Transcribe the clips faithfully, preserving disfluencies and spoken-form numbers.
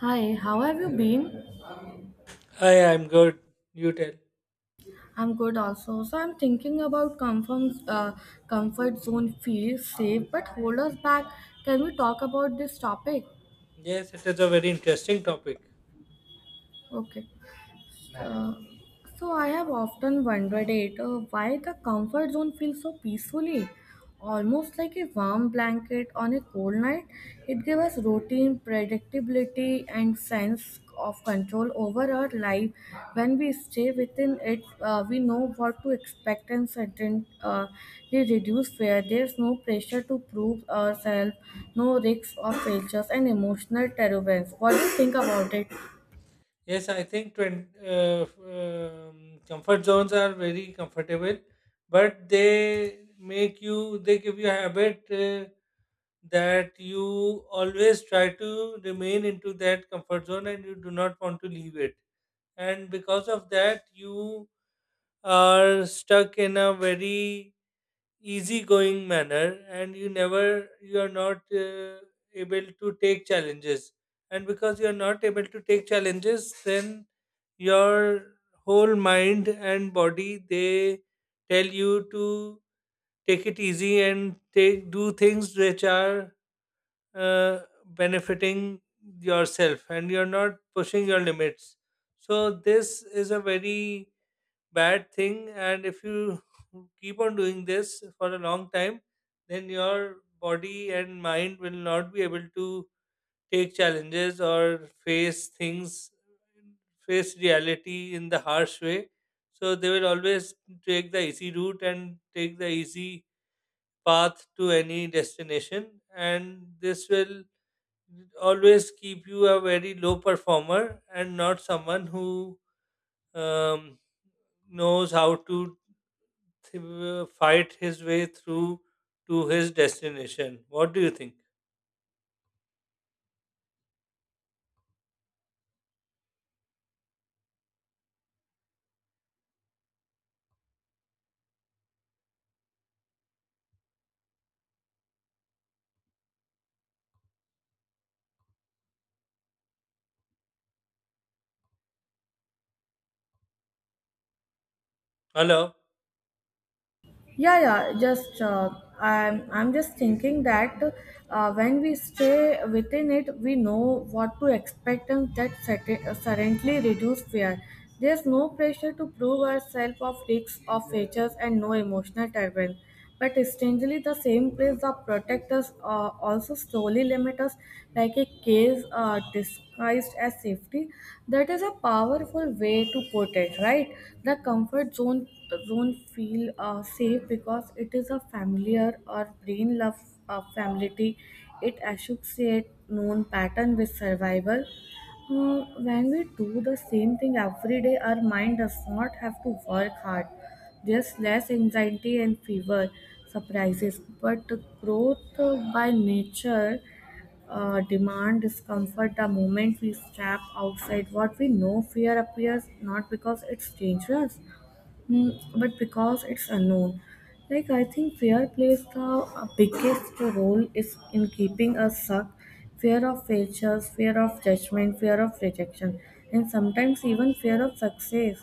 Hi, how have you been? Hi, I'm good. You tell. I'm good also. So I'm thinking about comfort, uh, comfort zone feels safe but hold us back. Can we talk about this topic? Yes, it is a very interesting topic. Okay. Uh, So I have often wondered it uh, why the comfort zone feels so peacefully, almost like a warm blanket on a cold night. It gives us routine, predictability, and sense of control over our life. When we stay within it, uh, we know what to expect and certainly uh, they reduce fear. There's no pressure to prove ourselves, no risks of failures, and emotional turbulence. What do you think about it? Yes, I think twen- uh, f- um, comfort zones are very comfortable, but they make you, they give you a habit uh, that you always try to remain into that comfort zone and you do not want to leave it. And because of that you are stuck in a very easygoing manner, and you never you are not uh, able to take challenges, and because you are not able to take challenges, then your whole mind and body, they tell you to take it easy and take do things which are uh, benefiting yourself, and you're not pushing your limits. So, this is a very bad thing. And if you keep on doing this for a long time, then your body and mind will not be able to take challenges or face things, face reality in the harsh way. So, they will always take the easy route and take the easy path to any destination, and this will always keep you a very low performer and not someone who um, knows how to th- fight his way through to his destination. What do you think? Hello? Yeah, yeah. Just uh, I'm I'm just thinking that uh, when we stay within it, we know what to expect, and that certain, uh, certainly reduce fear. There's no pressure to prove ourselves of risks of features and no emotional turbulence. But strangely, the same place that protect us uh, also slowly limit us like a case uh, disguised as safety. That is a powerful way to put it, right? The comfort zone zone feel uh, safe because it is a familiar or brain love uh, familiarity. It associates known pattern with survival uh, when we do the same thing every day, our mind does not have to work hard. There's less anxiety and fever surprises. But growth uh, by nature uh, demand discomfort the moment we step outside what we know fear appears not because it's dangerous Mm, but because it's unknown. Like I think fear plays the uh, biggest role is in keeping us stuck. Fear of failures, fear of judgment, fear of rejection, and sometimes even fear of success.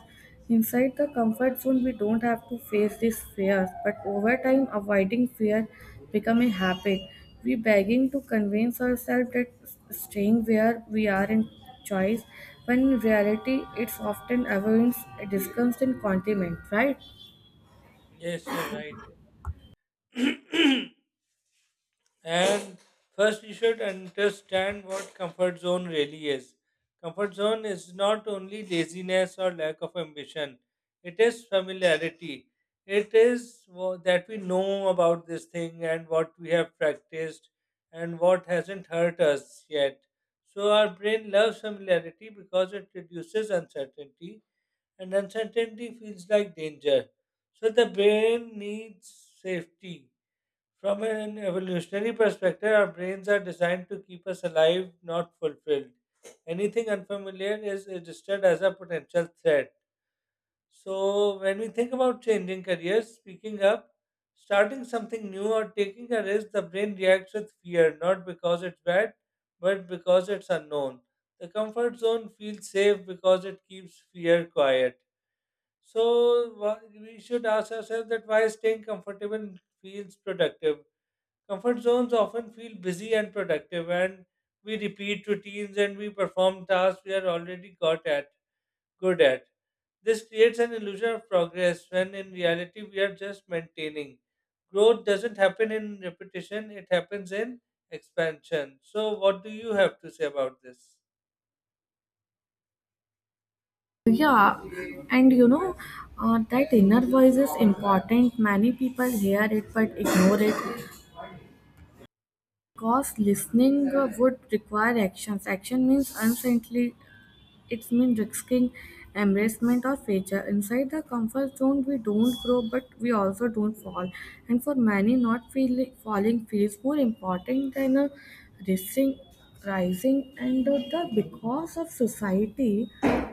Inside the comfort zone, we don't have to face these fears, but over time, avoiding fear become a habit. We begging to convince ourselves that staying where we are in choice, when in reality it's often avoids a disgusting condiment, right? Yes, you're right. And first, you should understand what comfort zone really is. Comfort zone is not only laziness or lack of ambition, it is familiarity. It is wha- that we know about this thing and what we have practiced and what hasn't hurt us yet. So, our brain loves familiarity because it reduces uncertainty, and uncertainty feels like danger. So, the brain needs safety. From an evolutionary perspective, our brains are designed to keep us alive, not fulfilled. Anything unfamiliar is registered as a potential threat. So, when we think about changing careers, speaking up, starting something new, or taking a risk, the brain reacts with fear, not because it's bad, but because it's unknown. The comfort zone feels safe because it keeps fear quiet. So, wha- we should ask ourselves that why staying comfortable feels productive. Comfort zones often feel busy and productive, and we repeat routines and we perform tasks we are already got at, good at. This creates an illusion of progress when in reality we are just maintaining. Growth doesn't happen in repetition, it happens in expansion. So, what do you have to say about this? Yeah, and you know, uh, that inner voice is important. Many people hear it but ignore it because listening uh, would require actions. Action means uncertainly. It means risking embarrassment or failure. Inside the comfort zone, we don't grow, but we also don't fall. And for many, not feel, falling feels more important than uh, risking rising. And uh, the because of society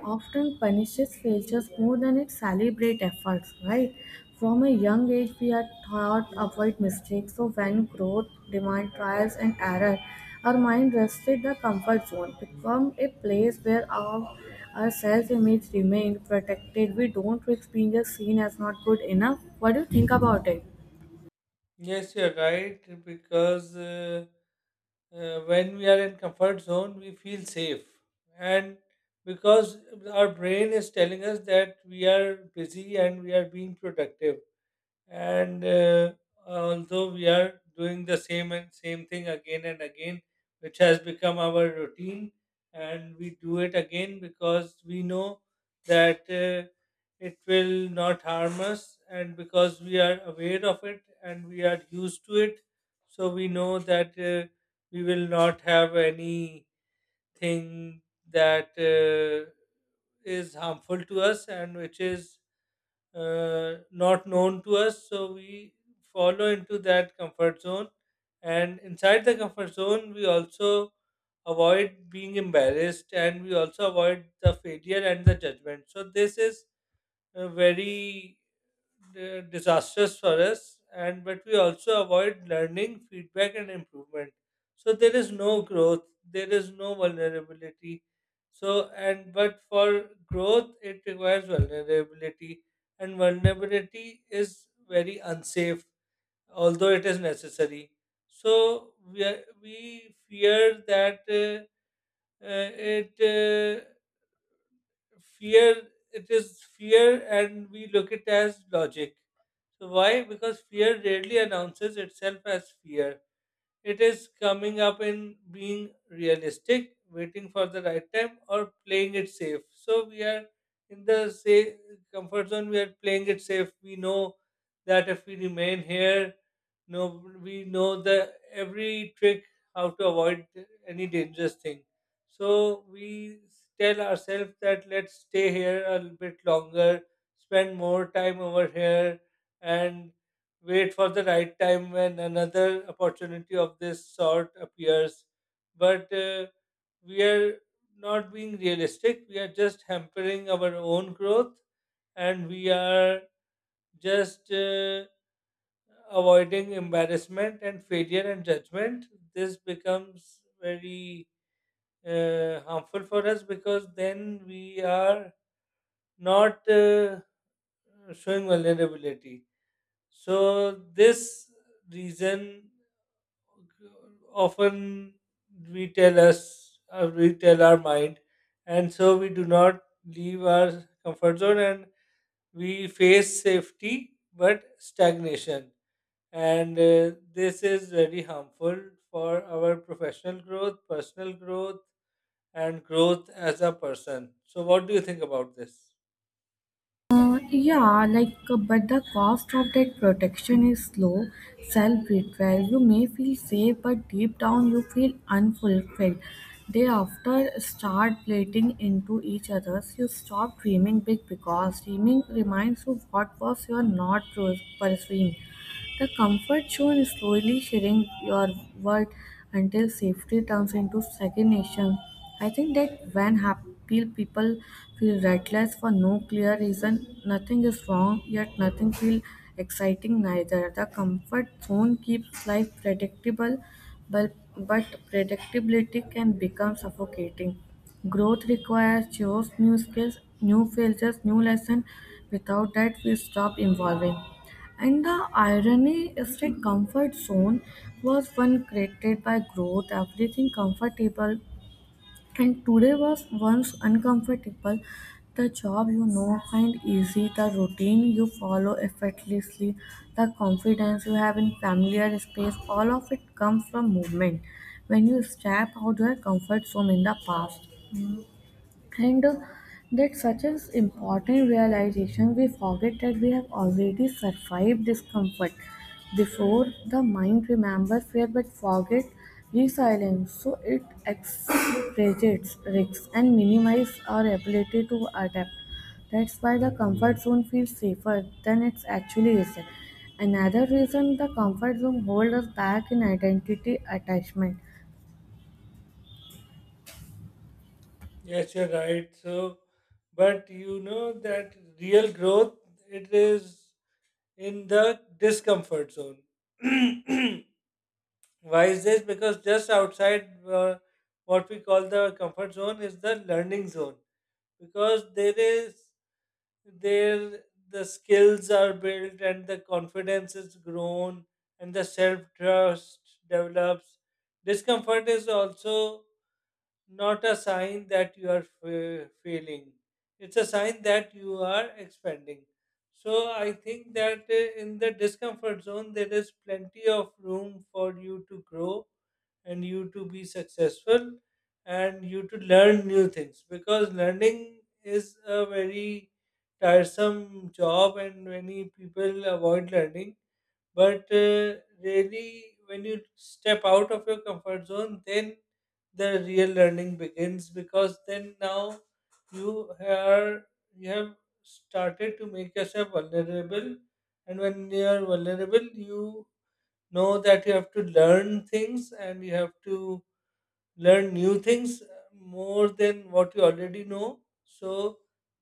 often punishes failures more than it celebrates efforts, right? From a young age, we are taught avoid mistakes. So when growth demand trials and error, our mind rested the comfort zone, become a place where our, our self-image remained protected. We don't risk being a seen as not good enough. What do you think about it? Yes, you're right, because. Uh, uh, when we are in comfort zone we feel safe, and because our brain is telling us that we are busy and we are being productive, and uh, although we are doing the same and same thing again and again, which has become our routine, and we do it again because we know that uh, it will not harm us, and because we are aware of it and we are used to it, so we know that uh, we will not have anything that uh, is harmful to us and which is uh, not known to us, so we follow into that comfort zone. And inside the comfort zone we also avoid being embarrassed, and we also avoid the failure and the judgment, so this is uh, very uh, disastrous for us. And but we also avoid learning, feedback and improvement, so there is no growth, there is no vulnerability. So, and but for growth it requires vulnerability, and vulnerability is very unsafe, although it is necessary. So we are, we fear that uh, uh, it uh, fear, it is fear, and we look it as logic. So why? Because fear rarely announces itself as fear, it is coming up in being realistic, waiting for the right time, or playing it safe. So we are in the safe comfort zone. We are playing it safe. We know that if we remain here, no, we know the every trick how to avoid any dangerous thing. So we tell ourselves that let's stay here a little bit longer, spend more time over here, and wait for the right time when another opportunity of this sort appears. But uh, we are not being realistic. We are just hampering our own growth, and we are just uh, avoiding embarrassment and failure and judgment. This becomes very uh, harmful for us, because then we are not uh, showing vulnerability. So, this reason often we tell us uh, we tell our mind, and so we do not leave our comfort zone, and we face safety but stagnation. And uh, this is very harmful for our professional growth, personal growth, and growth as a person. So what do you think about this? Uh, yeah, like, uh, but the cost of that protection is slow self-betrayal. You may feel safe, but deep down you feel unfulfilled. They after start plating into each other's. You stop dreaming big because dreaming reminds you what was you are not pursuing. The comfort zone is slowly shedding your world until safety turns into stagnation. I think that when happy people feel restless for no clear reason, nothing is wrong, yet nothing feels exciting neither. The comfort zone keeps life predictable, but, but predictability can become suffocating. Growth requires chose new skills, new failures, new lessons. Without that, we stop evolving. And the irony is the comfort zone was one created by growth, everything comfortable, and today was once uncomfortable. The job you know find easy, the routine you follow effortlessly, the confidence you have in familiar space, all of it comes from movement. When you step out your comfort zone in the past. And uh, that such an important realization, we forget that we have already survived discomfort before the mind remembers fear but forget resilience. So it exaggerates risks and minimizes our ability to adapt. That's why the comfort zone feels safer than it actually is. Another reason the comfort zone holds us back in identity attachment. Yes, you're right. So, but you know that real growth, it is in the discomfort zone. Why is this? Because just outside uh, what we call the comfort zone is the learning zone. Because there is there the skills are built and the confidence is grown and the self trust develops. Discomfort is also not a sign that you are fa- failing. It's a sign that you are expanding. So I think that uh, in the discomfort zone, there is plenty of room for you to grow and you to be successful and you to learn new things, because learning is a very tiresome job and many people avoid learning. But uh, really, when you step out of your comfort zone, then the real learning begins, because then now you are you have started to make yourself vulnerable, and when you are vulnerable, you know that you have to learn things and you have to learn new things, uh, more than what you already know. So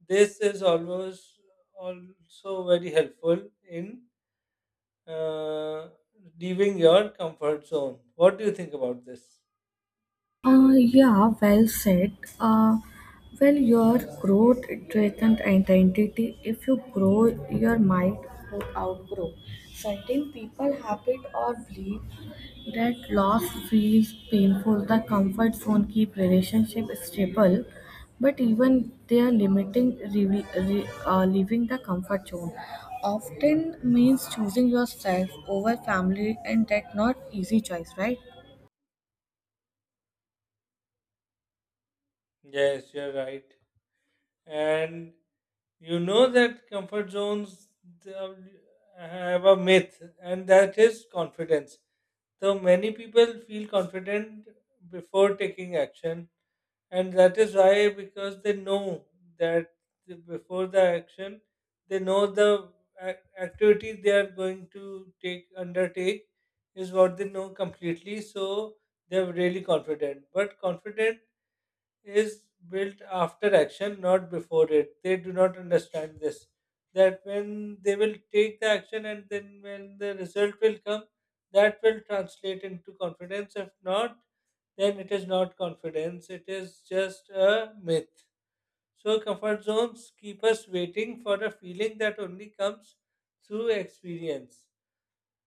this is always also very helpful in uh, leaving your comfort zone. What do you think about this? Uh, yeah, well said. Uh, well, your growth threatens identity. If you grow, your mind would outgrow. Certain people habit or believe that loss feels painful. The comfort zone keep relationship stable, but even they are limiting re- re- uh, leaving the comfort zone. Often means choosing yourself over family, and that not easy choice, right? Yes, you're right. And you know that comfort zones they are- have a myth, and that is confidence. So many people feel confident before taking action, and that is why, because they know that before the action they know the ac- activity they are going to take undertake is what they know completely, so they are really confident. But confident is built after action, not before it. They do not understand this. That when they will take the action and then when the result will come, that will translate into confidence. If not, then it is not confidence, it is just a myth. So, comfort zones keep us waiting for a feeling that only comes through experience.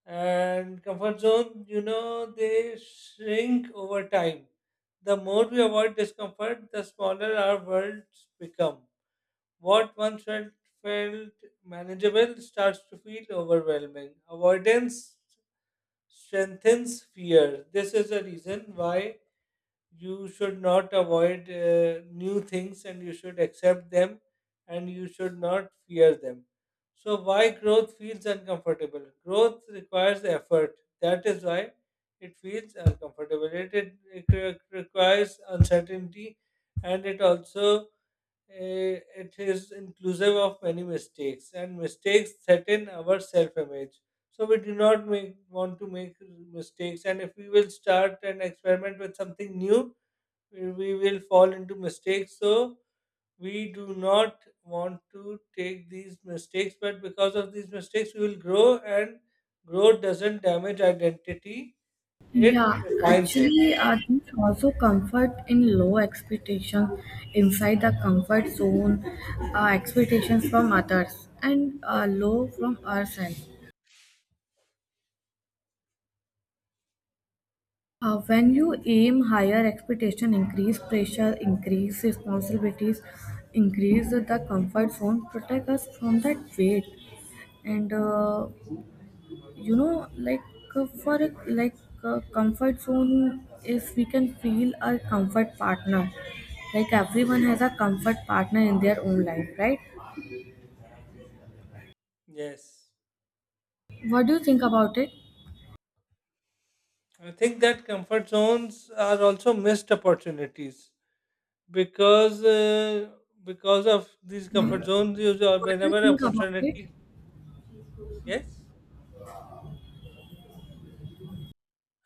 And comfort zone, you know, they shrink over time. The more we avoid discomfort, the smaller our worlds become. What once felt felt manageable starts to feel overwhelming. Avoidance strengthens fear. This is a reason why you should not avoid uh, new things and you should accept them and you should not fear them. So, why growth feels uncomfortable? Growth requires effort. That is why it feels uncomfortable. It, it, it re- requires uncertainty, and it also Eh, it is inclusive of many mistakes, and mistakes threaten our self-image. So we do not make, want to make mistakes, and if we will start and experiment with something new, we we will fall into mistakes. So we do not want to take these mistakes, but because of these mistakes, we will grow, and growth doesn't damage identity; it Yeah, refines it. actually, uh, these also comfort in low expectations inside the comfort zone, uh, expectations from others, and uh, low from ourselves. Uh, when you aim higher expectation, increase pressure, increase responsibilities, increase the comfort zone, protect us from that weight, and uh, you know like uh, for a, like a comfort zone if we can feel our comfort partner like everyone has a comfort partner in their own life, right? Yes, What do you think about it? I think that comfort zones are also missed opportunities because uh, because of these comfort zones you jo- What do you whenever think about it? opportunity. Yes.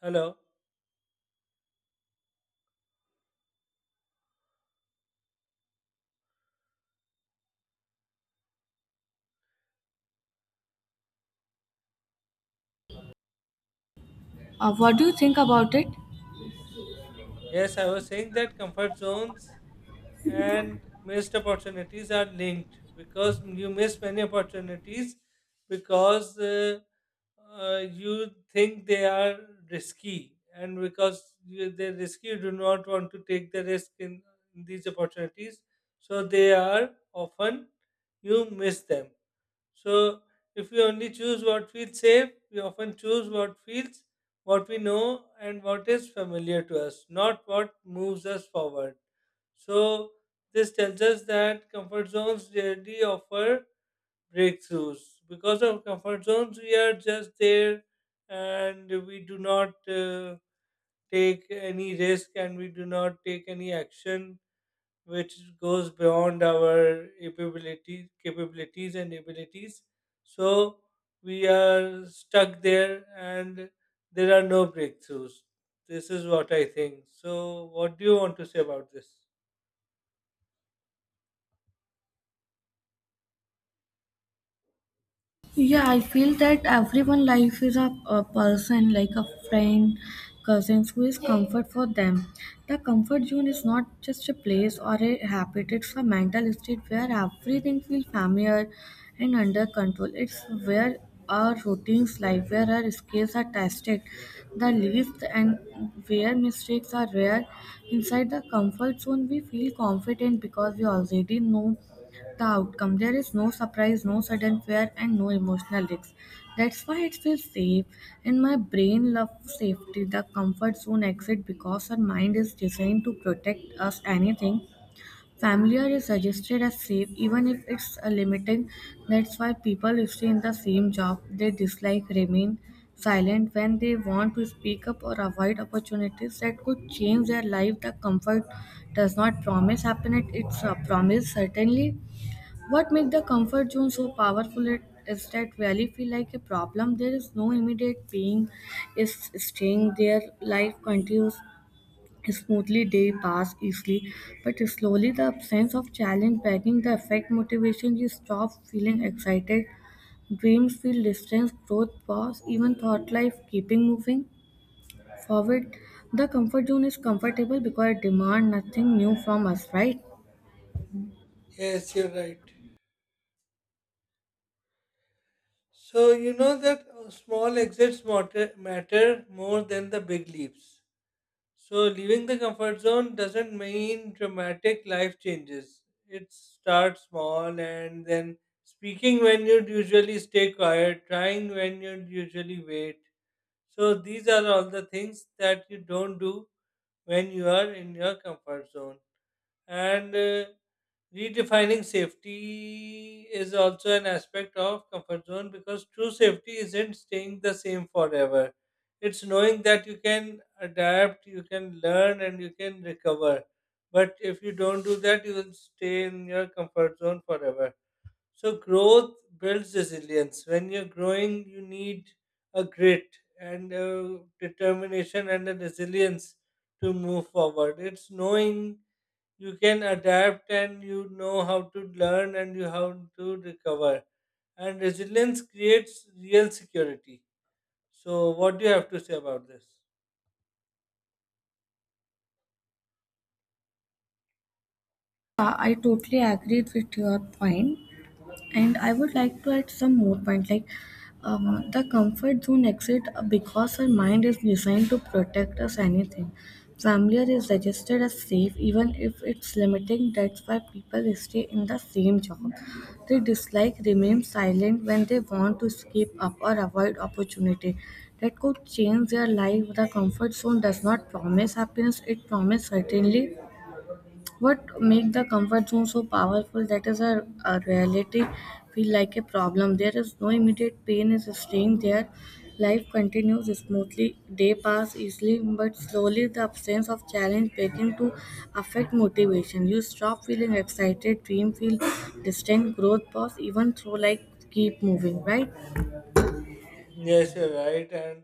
Hello. uh, what do you think about it? Yes, I was saying that comfort zones and missed opportunities are linked, because you miss many opportunities because uh, uh, you think they are risky, and because you, they're risky you do not want to take the risk in, in these opportunities, so they are often you miss them. So if we only choose what feels safe, we often choose what feels, what we know, and what is familiar to us, not what moves us forward. So this tells us that comfort zones rarely offer breakthroughs. Because of comfort zones, we are just there and we do not uh, take any risk and we do not take any action which goes beyond our ability, capabilities and abilities. So we are stuck there and there are no breakthroughs. This is what I think. So, what do you want to say about this? Yeah, I feel that everyone life is a, a person like a friend, cousins who is comfort for them. The comfort zone is not just a place or a habit, it's a mental state where everything feels familiar and under control. It's where our routines life, where our skills are tested, the least and where mistakes are rare. Inside the comfort zone we feel confident because we already know the outcome. There is no surprise, no sudden fear, and no emotional risks. That's why it feels safe. And my brain loves safety, the comfort zone exit, because our mind is designed to protect us anything. Familiar is suggested as safe, even if it's a limiting. That's why people stay in the same job they dislike remain silent when they want to speak up or avoid opportunities that could change their life. The comfort does not promise happiness; it's a promise certainly. What makes the comfort zone so powerful it- is that really feel like a problem. There is no immediate pain. Is staying there. Life continues smoothly. Day pass easily, but slowly the absence of challenge backing the effect motivation. You stop feeling excited. Dreams feel distance. Growth pause. Even thought life keeping moving forward. The comfort zone is comfortable because it demand nothing new from us, right? Yes, you're right. So, you know that uh, small exits matter, matter more than the big leaps. So, leaving the comfort zone doesn't mean dramatic life changes. It starts small, and then speaking when you'd usually stay quiet, trying when you'd usually wait. So, these are all the things that you don't do when you are in your comfort zone. And uh, redefining safety is also an aspect of comfort zone, because true safety isn't staying the same forever. It's knowing that you can adapt, you can learn, and you can recover. But if you don't do that, you will stay in your comfort zone forever. So growth builds resilience. When you're growing, you need a grit and a determination and a resilience to move forward. It's knowing you can adapt and you know how to learn and you how to recover. And resilience creates real security. So what do you have to say about this? Uh, I totally agree with your point. And I would like to add some more point like um, the comfort zone exit uh, because our mind is designed to protect us anything familiar is registered as safe even if it's limiting. That's why people stay in the same job they dislike remain silent when they want to escape up or avoid opportunity that could change their life. The comfort zone does not promise happiness, it promises certainly. What make the comfort zone so powerful, that is a, a reality feel like a problem. There is no immediate pain is staying there. Life continues smoothly, day pass easily, but slowly the absence of challenge begin to affect motivation. You stop feeling excited, dream feel distant, growth pause, even through like keep moving, right? Yes, you're right. And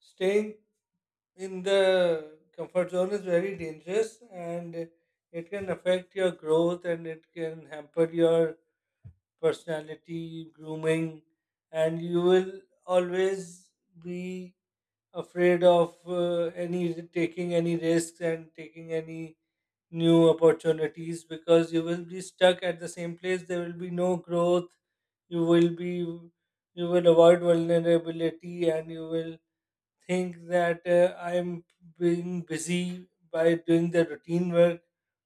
staying in the comfort zone is very dangerous, and it can affect your growth and it can hamper your personality, grooming, and you will always be afraid of uh, any taking any risks and taking any new opportunities, because you will be stuck at the same place, there will be no growth, you will be you will avoid vulnerability, and you will think that uh, I'm being busy by doing the routine work,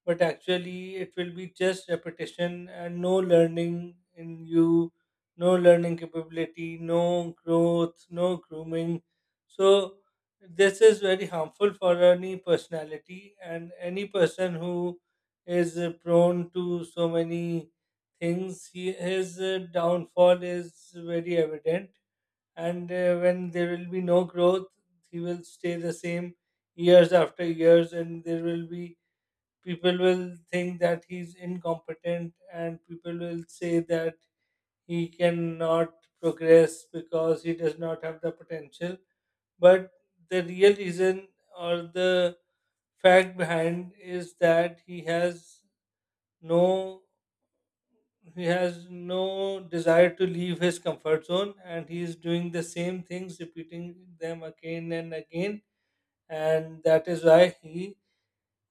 but actually it will be just repetition and no learning in you, no learning capability, no growth, no grooming. So this is very harmful for any personality and any person who is uh, prone to so many things. He, his uh, downfall is very evident, and uh, when there will be no growth he will stay the same years after years, and there will be people will think that he's incompetent, and people will say that he cannot progress because he does not have the potential. But the real reason or the fact behind is that he has no he has no desire to leave his comfort zone, and he is doing the same things, repeating them again and again, and that is why he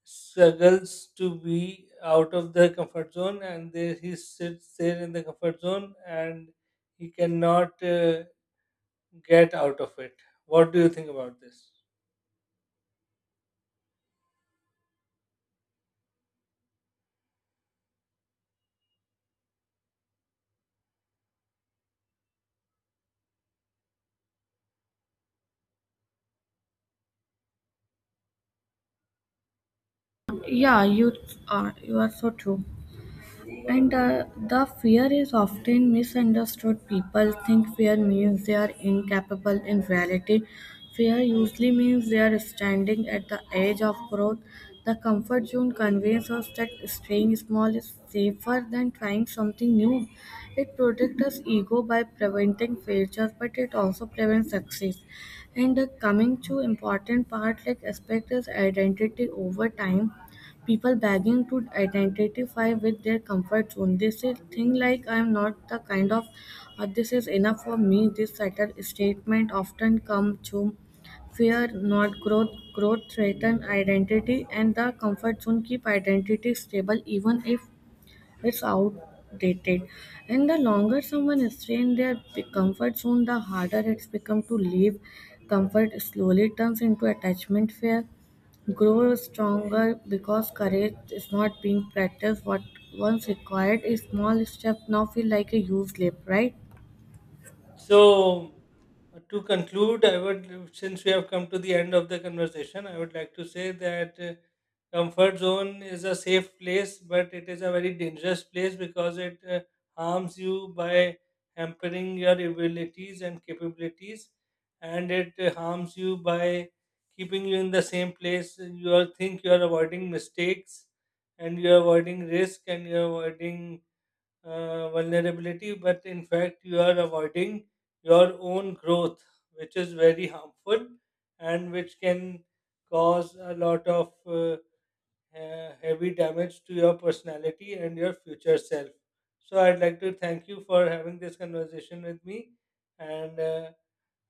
struggles to be out of the comfort zone, and there he sits there in the comfort zone and he cannot uh, get out of it. What do you think about this? Yeah, you are you are so true. And uh, the fear is often misunderstood. People think fear means they are incapable. In reality, fear usually means they are standing at the edge of growth. The comfort zone conveys us that staying small is safer than trying something new. It protects us ego by preventing failures, but it also prevents success. And uh, coming to important part like aspect is identity over time people begging to identify with their comfort zone. They say things like, I am not the kind of, or this is enough for me. This subtle statement often comes through fear, not growth. Growth threatens identity, and the comfort zone keep identity stable even if it's outdated. And the longer someone stays in their p- comfort zone, the harder it's become to leave. Comfort slowly turns into attachment fear. Grow stronger because courage is not being practiced. What once required a small step now feel like a huge leap, right? So, uh, to conclude, I would, since we have come to the end of the conversation, I would like to say that uh, comfort zone is a safe place, but it is a very dangerous place, because it uh, harms you by hampering your abilities and capabilities, and it uh, harms you by keeping you in the same place. You are, think you are avoiding mistakes, and you are avoiding risk, and you are avoiding uh, vulnerability, but in fact, you are avoiding your own growth, which is very harmful and which can cause a lot of uh, uh, heavy damage to your personality and your future self. So, I'd like to thank you for having this conversation with me, and uh,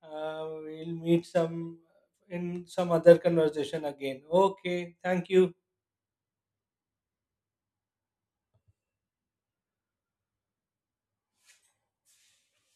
uh, we'll meet some in some other conversation again. Okay, thank you.